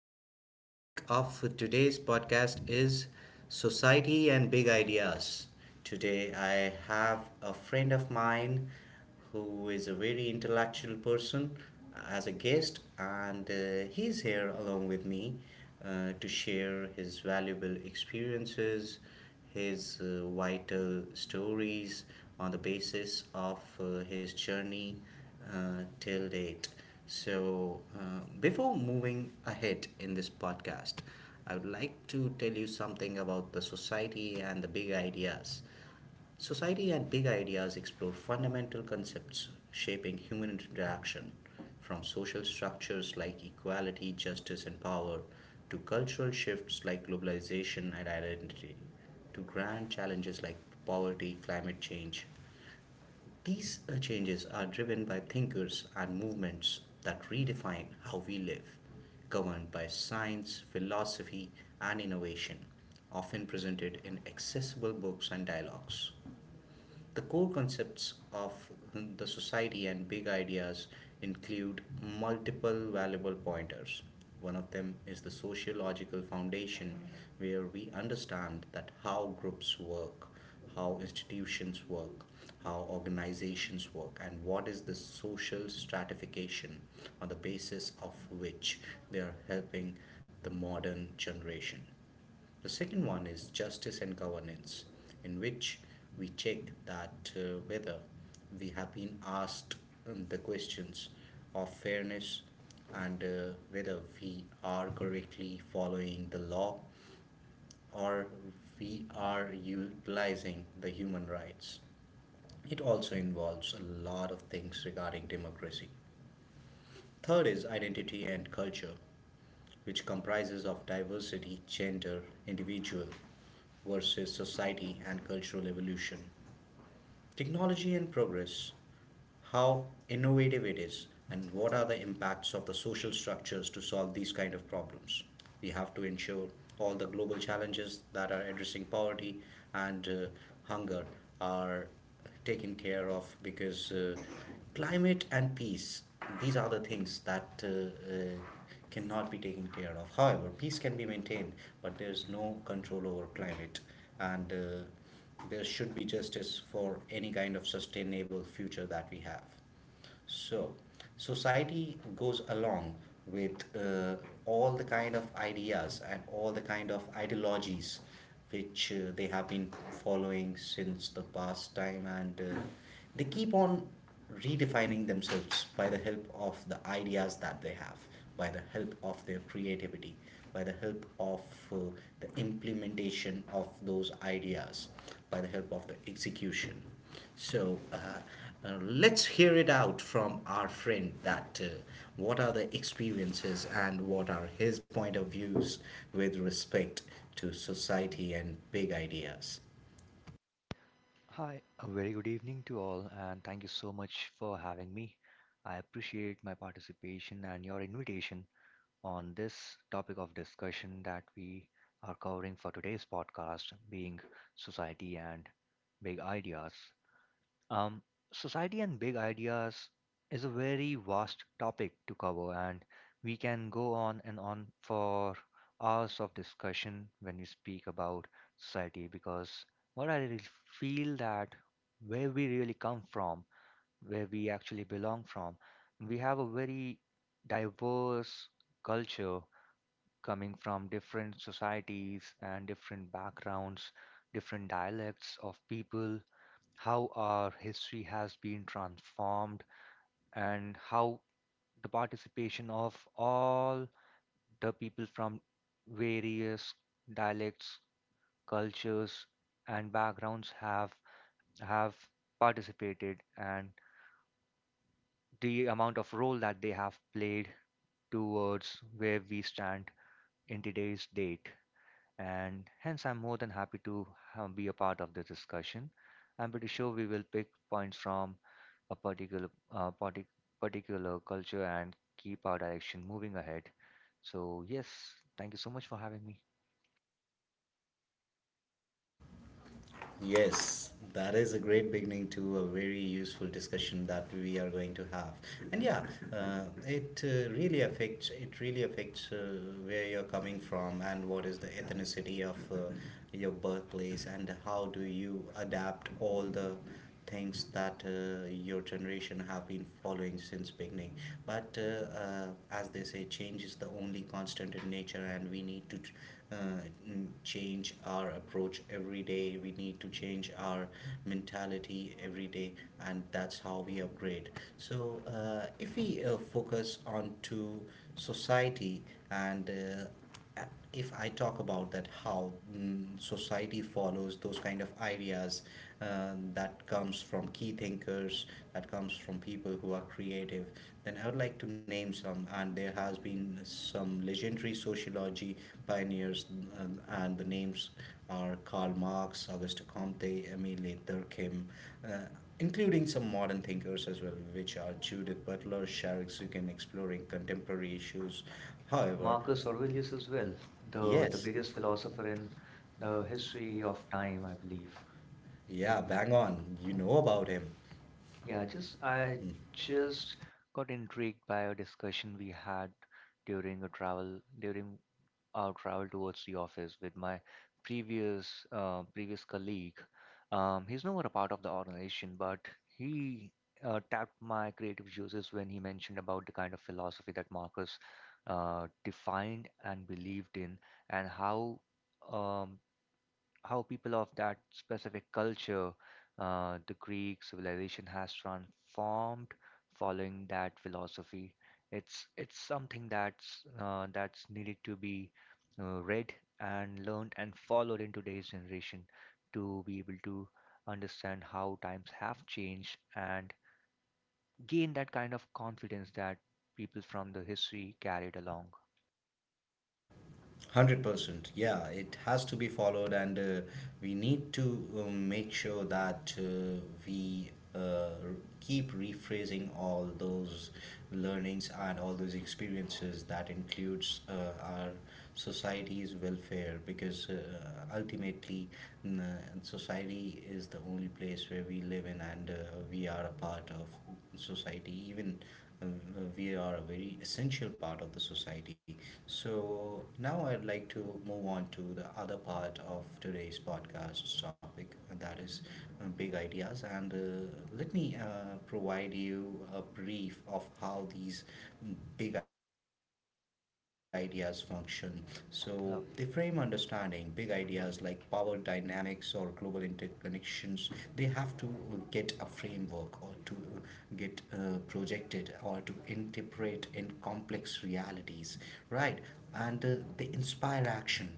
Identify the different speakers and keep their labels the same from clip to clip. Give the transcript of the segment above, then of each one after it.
Speaker 1: The topic of today's podcast is society and big ideas. Today, I have a friend of mine who is a very intellectual person as a guest, and he's here along with me to share his valuable experiences, his vital stories, on the basis of his journey till date. So, before moving ahead in this podcast, I would like to tell you something about the society and the big ideas. Society and big ideas explore fundamental concepts shaping human interaction, from social structures like equality, justice, and power, to cultural shifts like globalization and identity, to grand challenges like poverty, climate change. These changes are driven by thinkers and movements that redefine how we live, governed by science, philosophy, and innovation, often presented in accessible books and dialogues. The core concepts of the society and big ideas include multiple valuable pointers. One of them is the sociological foundation, where we understand that how groups work, how institutions work, how organizations work, and what is the social stratification on the basis of which they are helping the modern generation. The second one is justice and governance, in which we check that whether we have been asked the questions of fairness and whether we are correctly following the law, or we are utilizing the human rights. It also involves a lot of things regarding democracy. Third is identity and culture, which comprises of diversity, gender, individual, versus society and cultural evolution, technology and progress, how innovative it is and what are the impacts of the social structures. To solve these kind of problems we have to ensure all the global challenges that are addressing poverty and hunger are taken care of, because climate and peace, these are the things that cannot be taken care of. However peace can be maintained but there's no control over climate, and there should be justice for any kind of sustainable future that we have. So society goes along with all the kind of ideas and all the kind of ideologies which they have been following since the past time, and they keep on redefining themselves by the help of the ideas that they have, by the help of their creativity, by the help of uh, the implementation of those ideas, by the help of the execution. So let's hear it out from our friend that what are the experiences and what are his point of views with respect to society and big ideas.
Speaker 2: Hi, a very good evening to all, and thank you so much for having me. I appreciate my participation and your invitation on this topic of discussion that we are covering for today's podcast, being society and big ideas. Um, Society and big ideas is a very vast topic to cover, and we can go on and on for hours of discussion when we speak about society because what I really feel that where we really come from, where we actually belong from, we have a very diverse culture coming from different societies and different backgrounds, different dialects of people, how our history has been transformed, and how the participation of all the people from various dialects, cultures, and backgrounds have participated, and the amount of role that they have played towards where we stand in today's date. And hence I'm more than happy to be a part of the discussion. I'm pretty sure we will pick points from a particular uh, partic- particular culture and keep our direction moving ahead. So yes, thank you so much for having me.
Speaker 1: Yes, that is a great beginning to a very useful discussion that we are going to have. And yeah, it really affects where you're coming from and what is the ethnicity of your birthplace and how do you adapt all the things that your generation have been following since beginning. But as they say, change is the only constant in nature, and we need to uh, change our approach every day, we need to change our mentality every day, and that's how we upgrade. So if we focus on to society and if I talk about that, how society follows those kind of ideas that comes from key thinkers, that comes from people who are creative, then I would like to name some. And there has been some legendary sociology pioneers, and the names are Karl Marx, Auguste Comte, Emile Durkheim, uh, including some modern thinkers as well, which are Judith Butler, Sharik Zukin, exploring contemporary issues. However,
Speaker 2: Marcus
Speaker 1: Marcus
Speaker 2: Aurelius
Speaker 1: Aurelius
Speaker 2: as
Speaker 1: as well,
Speaker 2: well,
Speaker 1: the
Speaker 2: the
Speaker 1: yes,
Speaker 2: biggest
Speaker 1: biggest
Speaker 2: philosopher
Speaker 1: philosopher
Speaker 2: in
Speaker 1: in
Speaker 2: the
Speaker 1: the
Speaker 2: history
Speaker 1: history of
Speaker 2: of
Speaker 1: time,
Speaker 2: time, I
Speaker 1: I believe.
Speaker 2: believe.
Speaker 1: Yeah,
Speaker 2: Yeah,
Speaker 1: bang on. You know about him.
Speaker 2: Yeah,
Speaker 1: Yeah,
Speaker 2: just
Speaker 1: just
Speaker 2: I
Speaker 1: I Mm. just
Speaker 2: just got intrigued by a discussion we had during a travel during I'll travel towards the office with my previous colleague. He's no more a part of the organization, but he tapped my creative juices when he mentioned about the kind of philosophy that Marcus defined and believed in, and how. Um, how people of that specific culture, the Greek civilization has transformed following that philosophy. It's something that's needed to be read and learned and followed in today's generation to be able to understand how times have changed and gain that kind of confidence that people from the history carried along.
Speaker 1: 100%, yeah, it has to be followed. And we need to make sure that we keep rephrasing all those learnings and all those experiences that includes our society's welfare, because ultimately n- society is the only place where we live in, and we are a part of society. Even uh, we are a very essential part of the society. So now I'd like to move on to the other part of today's podcast topic, and that is big ideas. And let me provide you a brief of how these big ideas function. So they frame understanding big ideas
Speaker 2: Lovely.
Speaker 1: like power dynamics or global interconnections. They have to get a framework, or to get projected, or to interpret in complex realities, right? And they inspire action.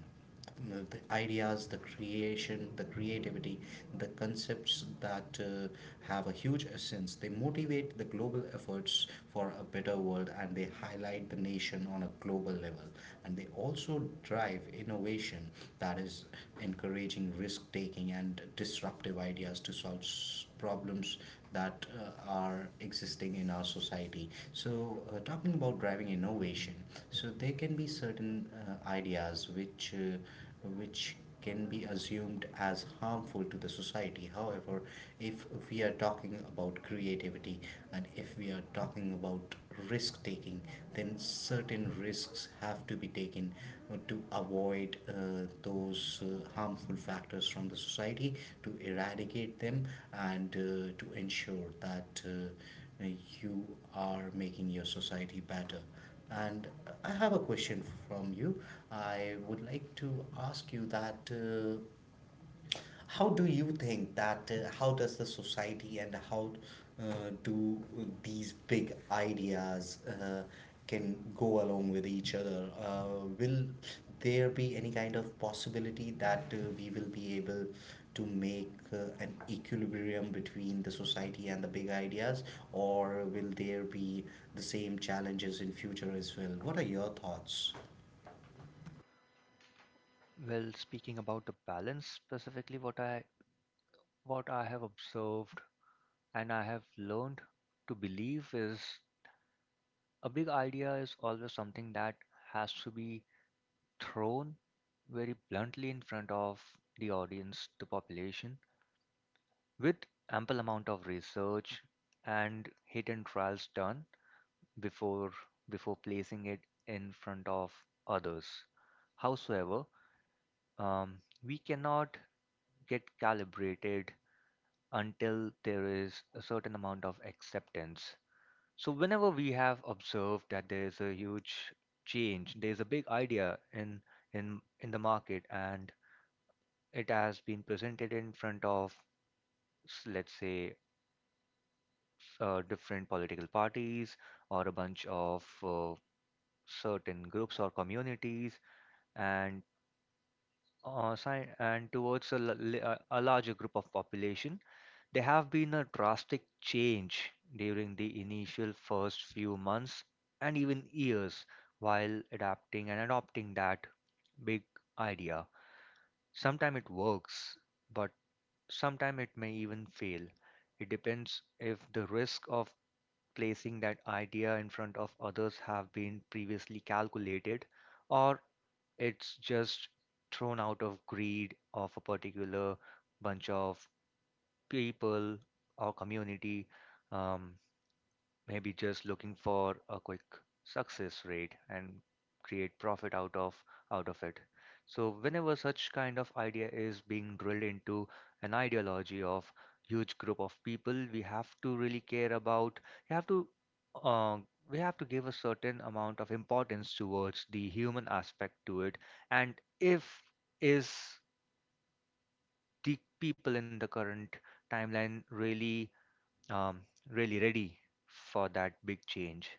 Speaker 1: The ideas, the creation, the creativity, the concepts that have a huge essence, they motivate the global efforts for a better world and they highlight the nation on a global level, and they also drive innovation that is encouraging risk taking and disruptive ideas to solve problems that are existing in our society. So talking about driving innovation, so there can be certain ideas which can be assumed as harmful to the society. However, if we are talking about creativity and if we are talking about risk taking, then certain risks have to be taken to avoid those harmful factors from the society, to eradicate them and to ensure that you are making your society better. And I have a question from you. I would like to ask you that how do you think that how does the society and how do these big ideas can go along with each other? Will there be any kind of possibility that we will be able to make an equilibrium between the society and the big ideas, or will there be the same challenges in future as well? What are your thoughts?
Speaker 2: Well, speaking about the balance specifically, what I have observed and I have learned to believe is a big idea is always something that has to be thrown very bluntly in front of the audience, the population, with ample amount of research and hit and trials done before before placing it in front of others. Howsoever, um, we cannot get calibrated until there is a certain amount of acceptance. So, whenever we have observed that there is a huge change, there is a big idea in the market, and it has been presented in front of, let's say, different political parties or a bunch of certain groups or communities, and and towards a, l- li- a larger group of population. There have been a drastic change during the initial first few months and even years while adapting and adopting that big idea. Sometimes it works, but sometimes it may even fail. It depends if the risk of placing that idea in front of others have been previously calculated or it's just thrown out of greed of a particular bunch of people, or community, um, maybe just looking for a quick success rate and create profit out of it. So whenever such kind of idea is being drilled into an ideology of huge group of people, we have to really care about. We have to uh, we have to give a certain amount of importance towards the human aspect to it. And if is the people in the current timeline really um, really ready for that big change.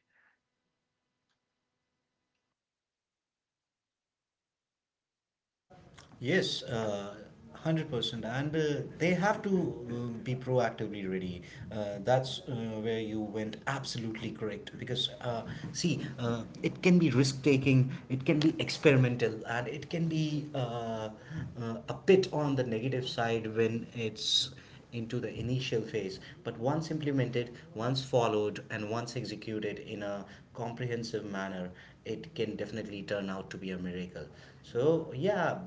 Speaker 1: Yes, 100%. And they have to be proactively ready. That's where you went absolutely correct. Because, see, it can be risk taking, it can be experimental, and it can be a bit on the negative side when it's into the initial phase. But once implemented, once followed, and once executed in a comprehensive manner, it can definitely turn out to be a miracle. So, yeah,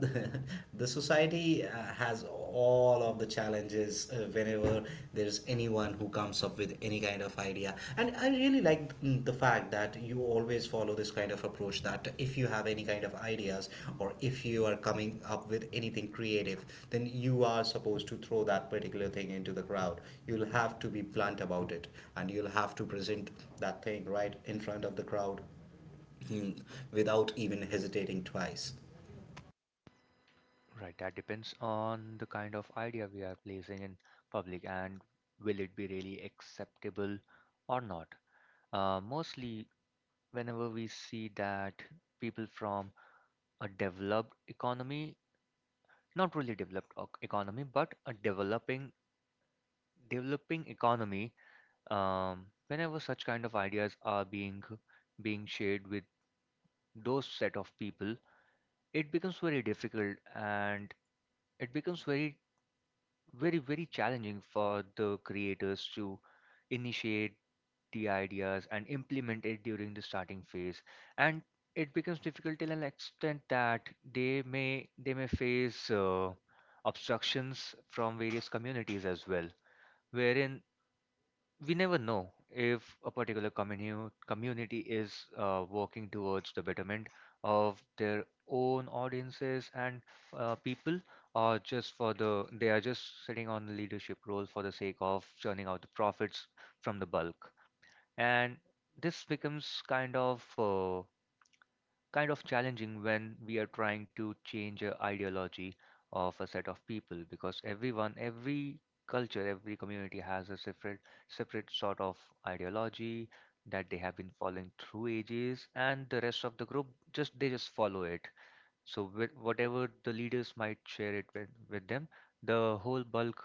Speaker 1: the society has all of the challenges whenever there's anyone who comes up with any kind of idea. And I really like the fact that you always follow this kind of approach, that if you have any kind of ideas or if you are coming up with anything creative, then you are supposed to throw that particular thing into the crowd, you'll have to be blunt about it, and you'll have to present that thing right in front of the crowd, mm, without even hesitating twice.
Speaker 2: Right, that depends on the kind of idea we are placing in public and will it be really acceptable or not. Mostly, whenever we see that people from a developed economy, not really economy, but a developing economy, whenever such kind of ideas are being being shared with those set of people, it becomes very difficult and it becomes very, very, very challenging for the creators to initiate the ideas and implement it during the starting phase. And it becomes difficult till an extent that they may face obstructions from various communities as well, wherein we never know if a particular community is working towards the betterment of their own audiences and people or just for the they are just sitting on the leadership role for the sake of churning out the profits from the bulk, and this becomes kind of challenging when we are trying to change a ideology of a set of people because everyone, every culture, every community has a separate sort of ideology that they have been following through ages, and the rest of the group just they just follow it. So with whatever the leaders might share it with them the whole bulk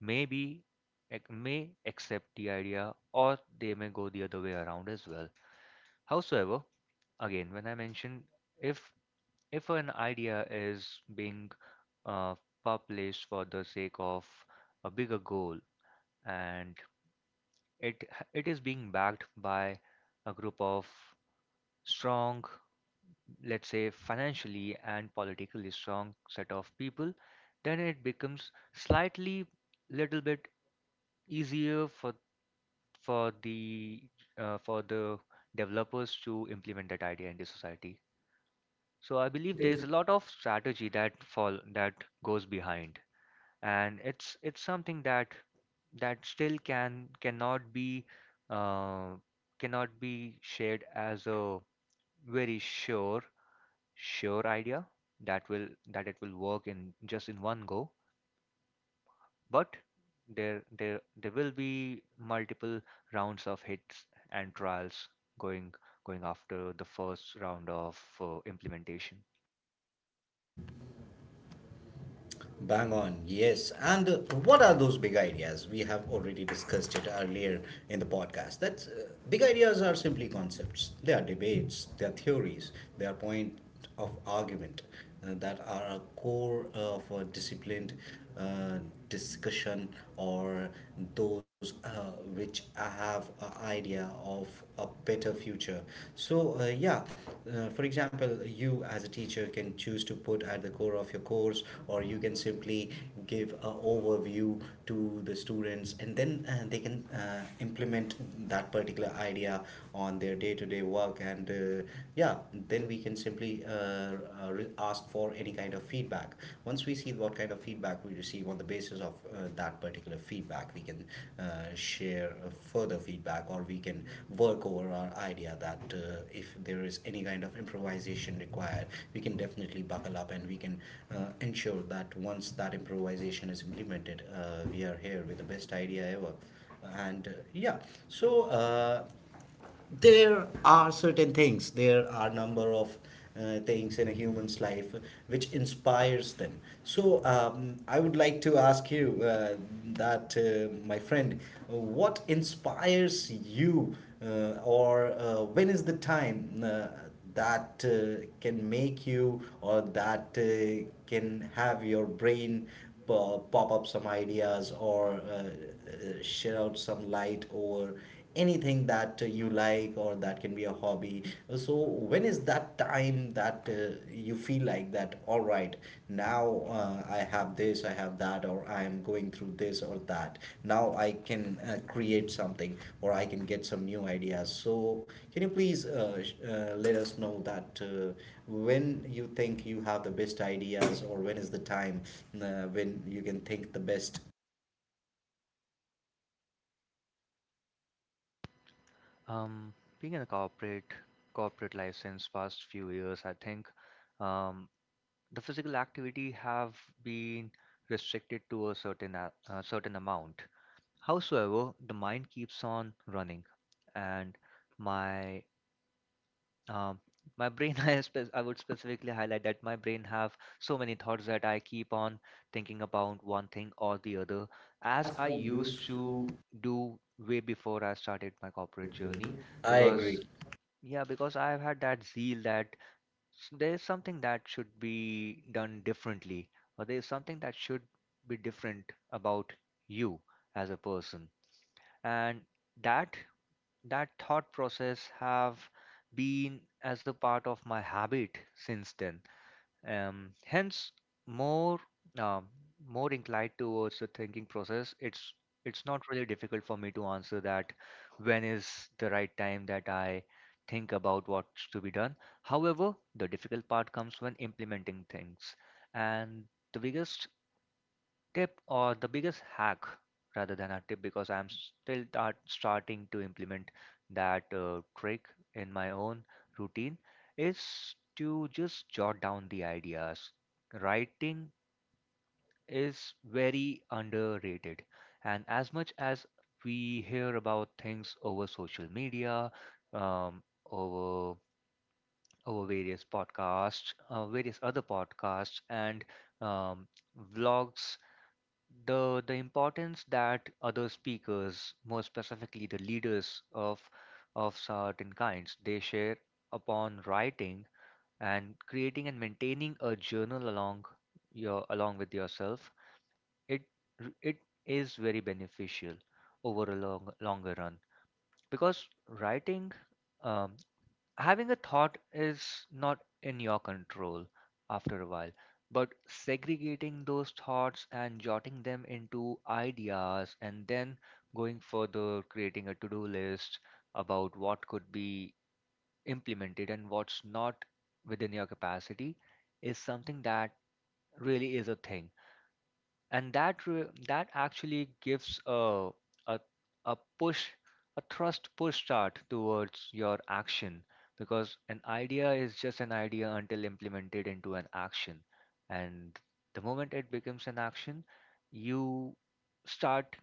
Speaker 2: may be may accept the idea or they may go the other way around as well. Howsoever, again when I mentioned, if if an idea is being uh, published for the sake of a bigger goal, and it it is being backed by a group of strong, let's say financially and politically strong set of people, then it becomes slightly little bit easier for the for the developers to implement that idea in the society. So I believe there's a lot of strategy that fall that goes behind, and it's something that that still cannot be uh, cannot be shared as a very sure idea that will that it will work in just in one go. But there will be multiple rounds of hits and trials going going after the first round of implementation.
Speaker 1: Bang on, yes. And what are those big ideas? We have already discussed it earlier in the podcast. That's Big ideas are simply concepts. They are debates. They are theories. They are point of argument that are a core of a disciplined uh, discussion, or those which have an idea of a better future. So yeah, for example, you as a teacher can choose to put at the core of your course, or you can simply give a overview to the students, and then they can implement that particular idea on their day-to-day work. And yeah, then we can simply ask for any kind of feedback. Once we see what kind of feedback we receive, on the basis of that particular feedback, we can share further feedback, or we can work over our idea that if there is any kind of improvisation required, we can definitely buckle up and we can ensure that once that improvisation is implemented, we are here with the best idea ever. And yeah. So there are number of things in a human's life which inspires them. So I would like to ask you that my friend, what inspires you, or when is the time that can make you, or that can have your brain pop up some ideas, or shed out some light over anything that you like, or that can be a hobby? So when is that time that you feel like that all right, now I have this, I have that, or I am going through this or that, now I can create something or I can get some new ideas? So can you please let us know that when you think you have the best ideas, or when is the time when you can think the best?
Speaker 2: um Being in a corporate life since past few years, I think um the physical activity have been restricted to a certain amount. Howsoever, the mind keeps on running, and my um, my brain I would specifically highlight that my brain have so many thoughts that I keep on thinking about one thing or the other as
Speaker 1: As
Speaker 2: I
Speaker 1: I used
Speaker 2: used
Speaker 1: to
Speaker 2: to do way before I started my corporate
Speaker 1: corporate
Speaker 2: journey.
Speaker 1: journey
Speaker 2: I agree.
Speaker 1: I because
Speaker 2: Because
Speaker 1: agree
Speaker 2: yeah, because I've had that zeal that there is something that should be done differently, or there is something that should be different about you as a person. And that that thought process have been as a part of my habit since then. Hence, more um, more inclined towards the thinking process. It's not really difficult for me to answer that when is the right time that I think about what's to be done. However, the difficult part comes when implementing things, and the biggest tip or the biggest hack rather than a tip because I'm starting to implement that trick in my own routine is to just jot down the ideas. Writing is very underrated, and as much as we hear about things over social media, um, over over various podcasts, various other podcasts, and um, vlogs, the importance that other speakers, more specifically the leaders of certain kinds, they share upon writing and creating and maintaining a journal along your along with yourself, it it is very beneficial over a longer run because writing um, having a thought is not in your control after a while, but segregating those thoughts and jotting them into ideas and then going further, creating a to-do list about what could be implemented and what's not within your capacity is something that really is a thing, and that actually gives a a push, a thrust push start towards your action, because an idea is just an idea until implemented into an action. And the moment it becomes an action, you start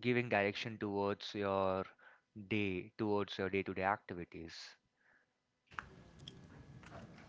Speaker 2: giving direction towards your day-to-day activities.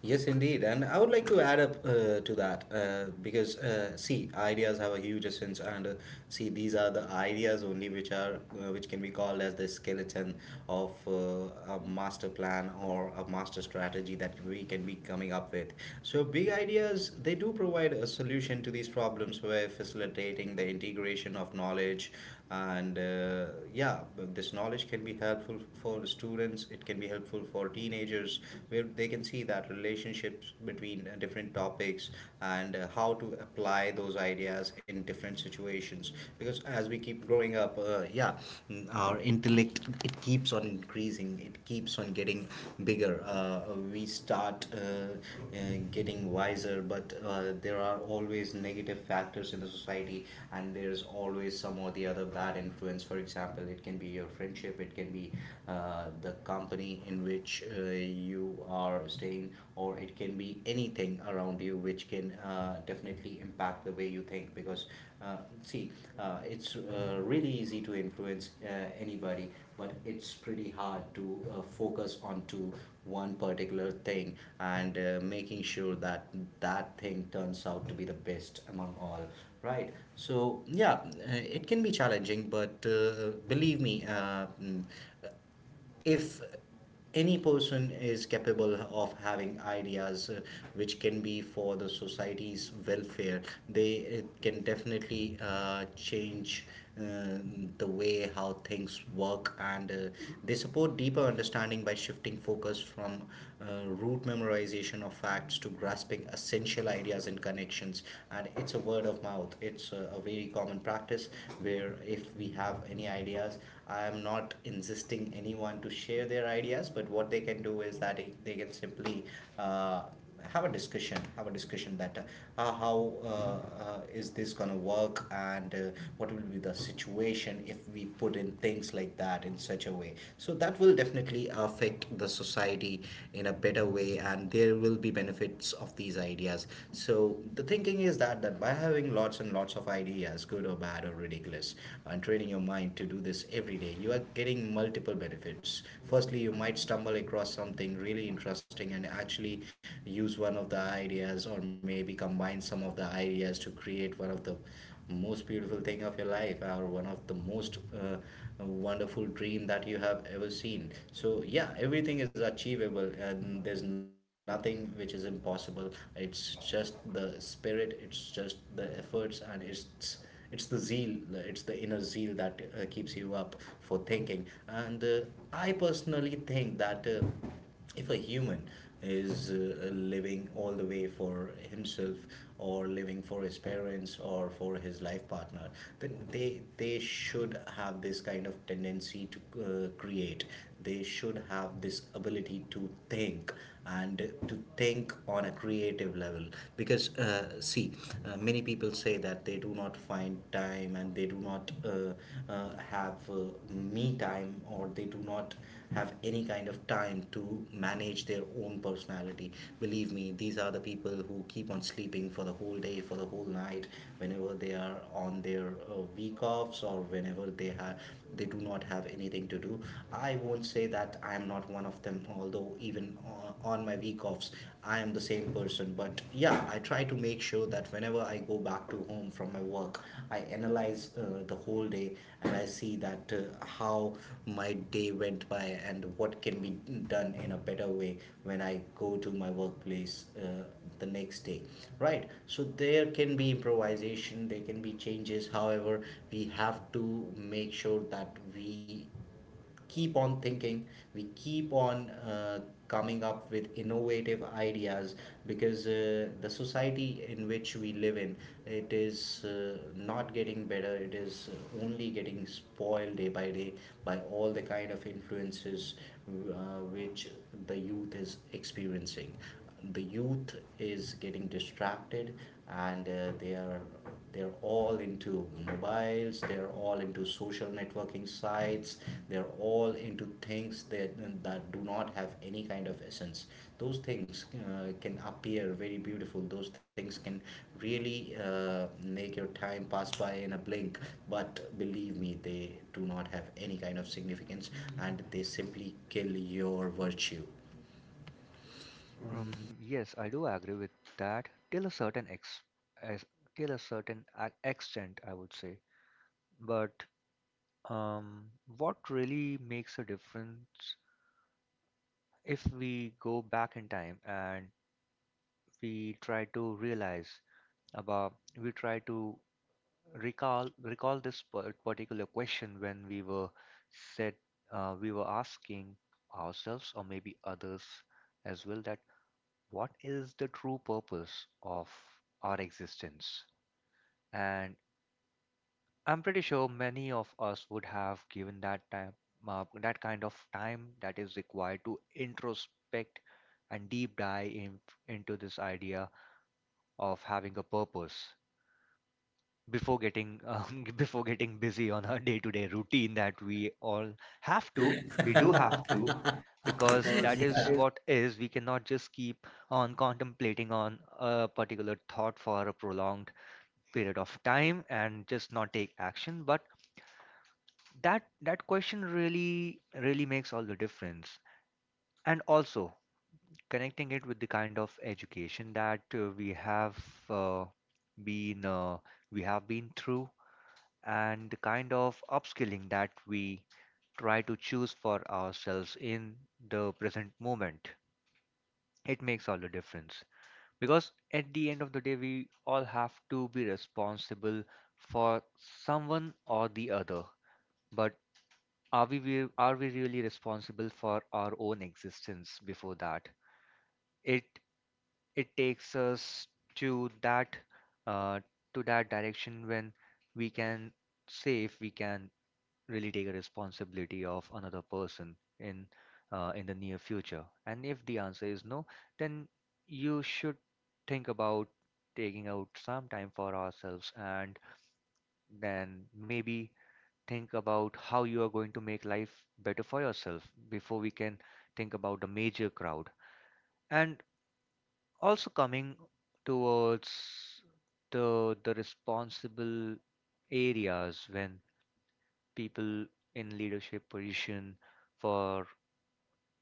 Speaker 1: Yes, indeed. And I would like to add up to that, because, see, ideas have a huge essence, and see, these are the ideas only which are which can be called as the skeleton of a master plan or a master strategy that we can be coming up with. So, big ideas they do provide a solution to these problems by facilitating the integration of knowledge and yeah, but this knowledge can be helpful for students, it can be helpful for teenagers, where they can see that relationships between different topics and how to apply those ideas in different situations. Because as we keep growing up, yeah, our intellect, it keeps on increasing, it keeps on getting bigger. We start getting wiser, but there are always negative factors in the society, and there's always some or the other bad influence. For example, it can be your friendship, it can be the company in which you are staying, or it can be anything around you which can definitely impact the way you think. Because uh, see, it's really easy to influence anybody, but it's pretty hard to focus on to one particular thing and making sure that that thing turns out to be the best among all, right? So yeah, it can be challenging, but believe me, if any person is capable of having ideas which can be for the society's welfare, they can definitely change uh, the way how things work, and they support deeper understanding by shifting focus from root memorization of facts to grasping essential ideas and connections. And it's a word of mouth, it's a very common practice, where if we have any ideas, I am not insisting anyone to share their ideas, but what they can do is that they can simply uh, have a discussion, have a discussion that how is this going to work, and what will be the situation if we put in things like that in such a way, so that will definitely affect the society in a better way, and there will be benefits of these ideas. So the thinking is that by having lots and lots of ideas, good or bad or ridiculous, and training your mind to do this every day, you are getting multiple benefits. Firstly, you might stumble across something really interesting and actually use one of the ideas, or maybe combine some of the ideas to create one of the most beautiful thing of your life, or one of the most wonderful dream that you have ever seen. So yeah, everything is achievable, and there's nothing which is impossible. It's just the spirit, it's just the efforts, and it's the zeal, it's the inner zeal that keeps you up for thinking. And I personally think that if a human is living all the way for himself, or living for his parents or for his life partner, then they should have this kind of tendency to create, they should have this ability to think, and to think on a creative level. Because see, many people say that they do not find time, and they do not have me time, or they do not have any kind of time to manage their own personality. Believe me, these are the people who keep on sleeping for the whole day, for the whole night, whenever they are on their week offs, or whenever they have they do not have anything to do. I won't say that I am not one of them, although even on my week offs, I am the same person. But yeah, I try to make sure that whenever I go back to home from my work, I analyze the whole day, and I see that how my day went by, and what can be done in a better way when I go to my workplace the next day, right? So there can be improvisation, there can be changes. However, we have to make sure that we keep on thinking, we keep on coming up with innovative ideas. Because the society in which we live in, it is not getting better, it is only getting spoiled day by day by all the kind of influences which the youth is experiencing. The youth is getting distracted, and they are they're all into mobiles, they're all into social networking sites, they're all into things that, that do not have any kind of essence. Those things can appear very beautiful, those things can really make your time pass by in a blink, but believe me, they do not have any kind of significance,
Speaker 2: Mm.
Speaker 1: and they simply kill your virtue.
Speaker 2: Yes, I do agree with that as, till a certain extent, I would say. But um, what really makes a difference, if we go back in time and we try to realize about, we try to recall this particular question when we were said, we were asking ourselves or maybe others as well, that what is the true purpose of our existence? And I'm pretty sure many of us would have given that time, that kind of time that is required to introspect and deep dive in, into this idea of having a purpose before getting before getting busy on our day-to-day routine that we all have
Speaker 1: Have to.
Speaker 2: to. We
Speaker 1: We
Speaker 2: do
Speaker 1: do
Speaker 2: have
Speaker 1: have to
Speaker 2: to because
Speaker 1: because yeah.
Speaker 2: that
Speaker 1: that
Speaker 2: is what is. We cannot just keep on contemplating on a particular thought for a prolonged period of time and just not take action. But that that question really really makes all the difference. And also connecting it with the kind of education that we have uh, been we have been through, and the kind of upskilling that we try to choose for ourselves in the present moment, it makes all the difference, because at the end of the day we all have to be responsible for someone or the other. But are we really responsible for our own existence before that? It it takes us to that uh, to that direction when we can say if we can really take a responsibility of another person in the near future, and if the answer is no, then you should think about taking out some time for ourselves and then maybe think about how you are going to make life better for yourself before we can think about the major crowd. And also coming towards the responsible areas when people in leadership position for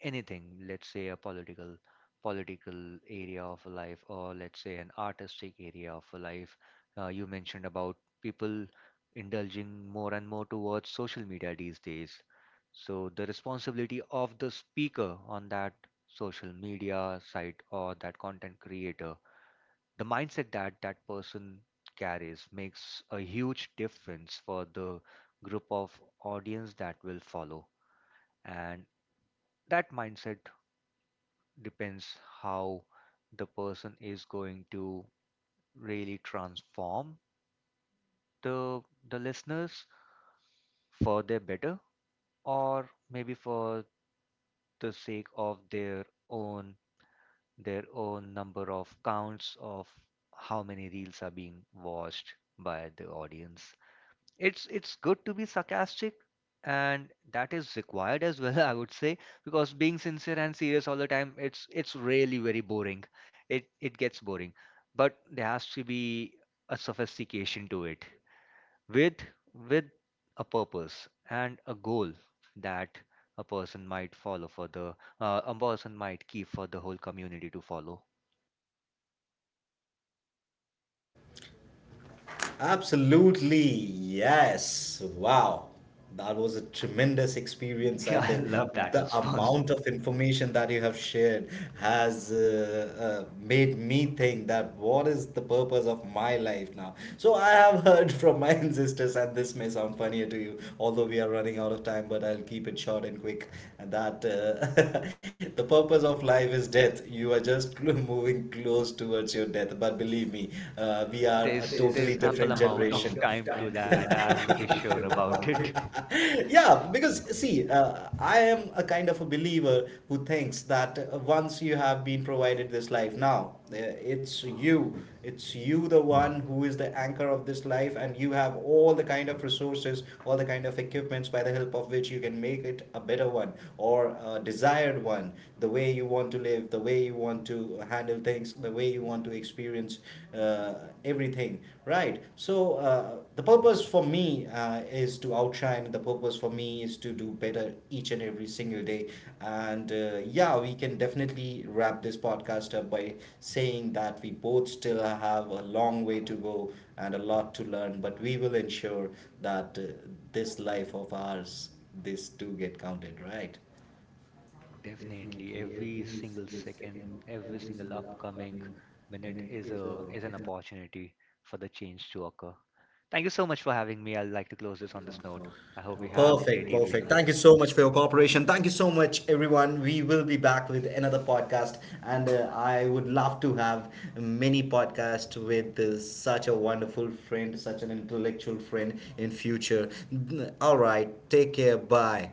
Speaker 2: anything, let's say a political area of a life, or let's say an artistic area of a life. You mentioned about people indulging more and more towards social media these days. So the responsibility of the speaker on that social media site or that content creator, the mindset that that person carries makes a huge difference for the group of audience that will follow. And that mindset depends how the person is going to really transform the the listeners for their better, or maybe for the sake of their own number of counts of how many reels are being watched by the audience. It's good to be sarcastic, and that is required as well, I would say, because being sincere and serious all the time, it's really very boring. It gets boring. But there has to be a sophistication to it, with with a purpose and a goal that a person might follow for the a person might keep for the whole community to follow.
Speaker 1: Absolutely, yes. Wow. That was a tremendous experience,
Speaker 2: Yeah,
Speaker 1: and
Speaker 2: I
Speaker 1: I
Speaker 2: love
Speaker 1: love that.
Speaker 2: that
Speaker 1: The
Speaker 2: response.
Speaker 1: amount of information that you have shared has made me think that what is the purpose of my life now? So, I have heard from my ancestors, and this may sound funnier to you, although we are running out of time, but I'll keep it short and quick. And that the purpose of life is death. You are just moving close towards your death with, but believe me, we are a There is
Speaker 2: there's
Speaker 1: totally
Speaker 2: there's
Speaker 1: there is different
Speaker 2: ample
Speaker 1: not a lot
Speaker 2: amount of
Speaker 1: generation. Of
Speaker 2: time to
Speaker 1: time to
Speaker 2: that, I'm
Speaker 1: elaborate.
Speaker 2: pretty
Speaker 1: I'm pretty
Speaker 2: sure
Speaker 1: sure
Speaker 2: about it.
Speaker 1: about it. yeah, because see, I am a kind of a believer who thinks that once you have been provided this life now, it's you, it's you the one who is the anchor of this life, and you have all the kind of resources, all the kind of equipments by the help of which you can make it a better one or a desired one, the way you want to live, the way you want to handle things, the way you want to experience uh, everything, right? So the purpose for me is to outshine. The purpose for me is to do better each and every single day. And yeah, we can definitely wrap this podcast up by saying that we both still have a long way to go and a lot to learn, but we will ensure that this life of ours, this do get counted, right?
Speaker 2: Definitely,
Speaker 1: Definitely,
Speaker 2: every
Speaker 1: every
Speaker 2: single
Speaker 1: single
Speaker 2: second,
Speaker 1: second,
Speaker 2: every
Speaker 1: every
Speaker 2: single
Speaker 1: single
Speaker 2: upcoming
Speaker 1: upcoming
Speaker 2: minute
Speaker 1: minute
Speaker 2: is
Speaker 1: is a
Speaker 2: a is an
Speaker 1: is an
Speaker 2: opportunity for the change to occur. Thank you so much for having me. I'd like to close this on
Speaker 1: resources on
Speaker 2: this note.
Speaker 1: snow.
Speaker 2: I
Speaker 1: I hope it
Speaker 2: hope you
Speaker 1: helps
Speaker 2: have a
Speaker 1: Perfect,
Speaker 2: great
Speaker 1: greatly
Speaker 2: evening.
Speaker 1: perfect. Thank you so much for your cooperation. Thank you so much, everyone. We will be back with another podcast, and I would love to have many podcasts with such a wonderful friend, such an intellectual friend in future. All right, take care. Bye.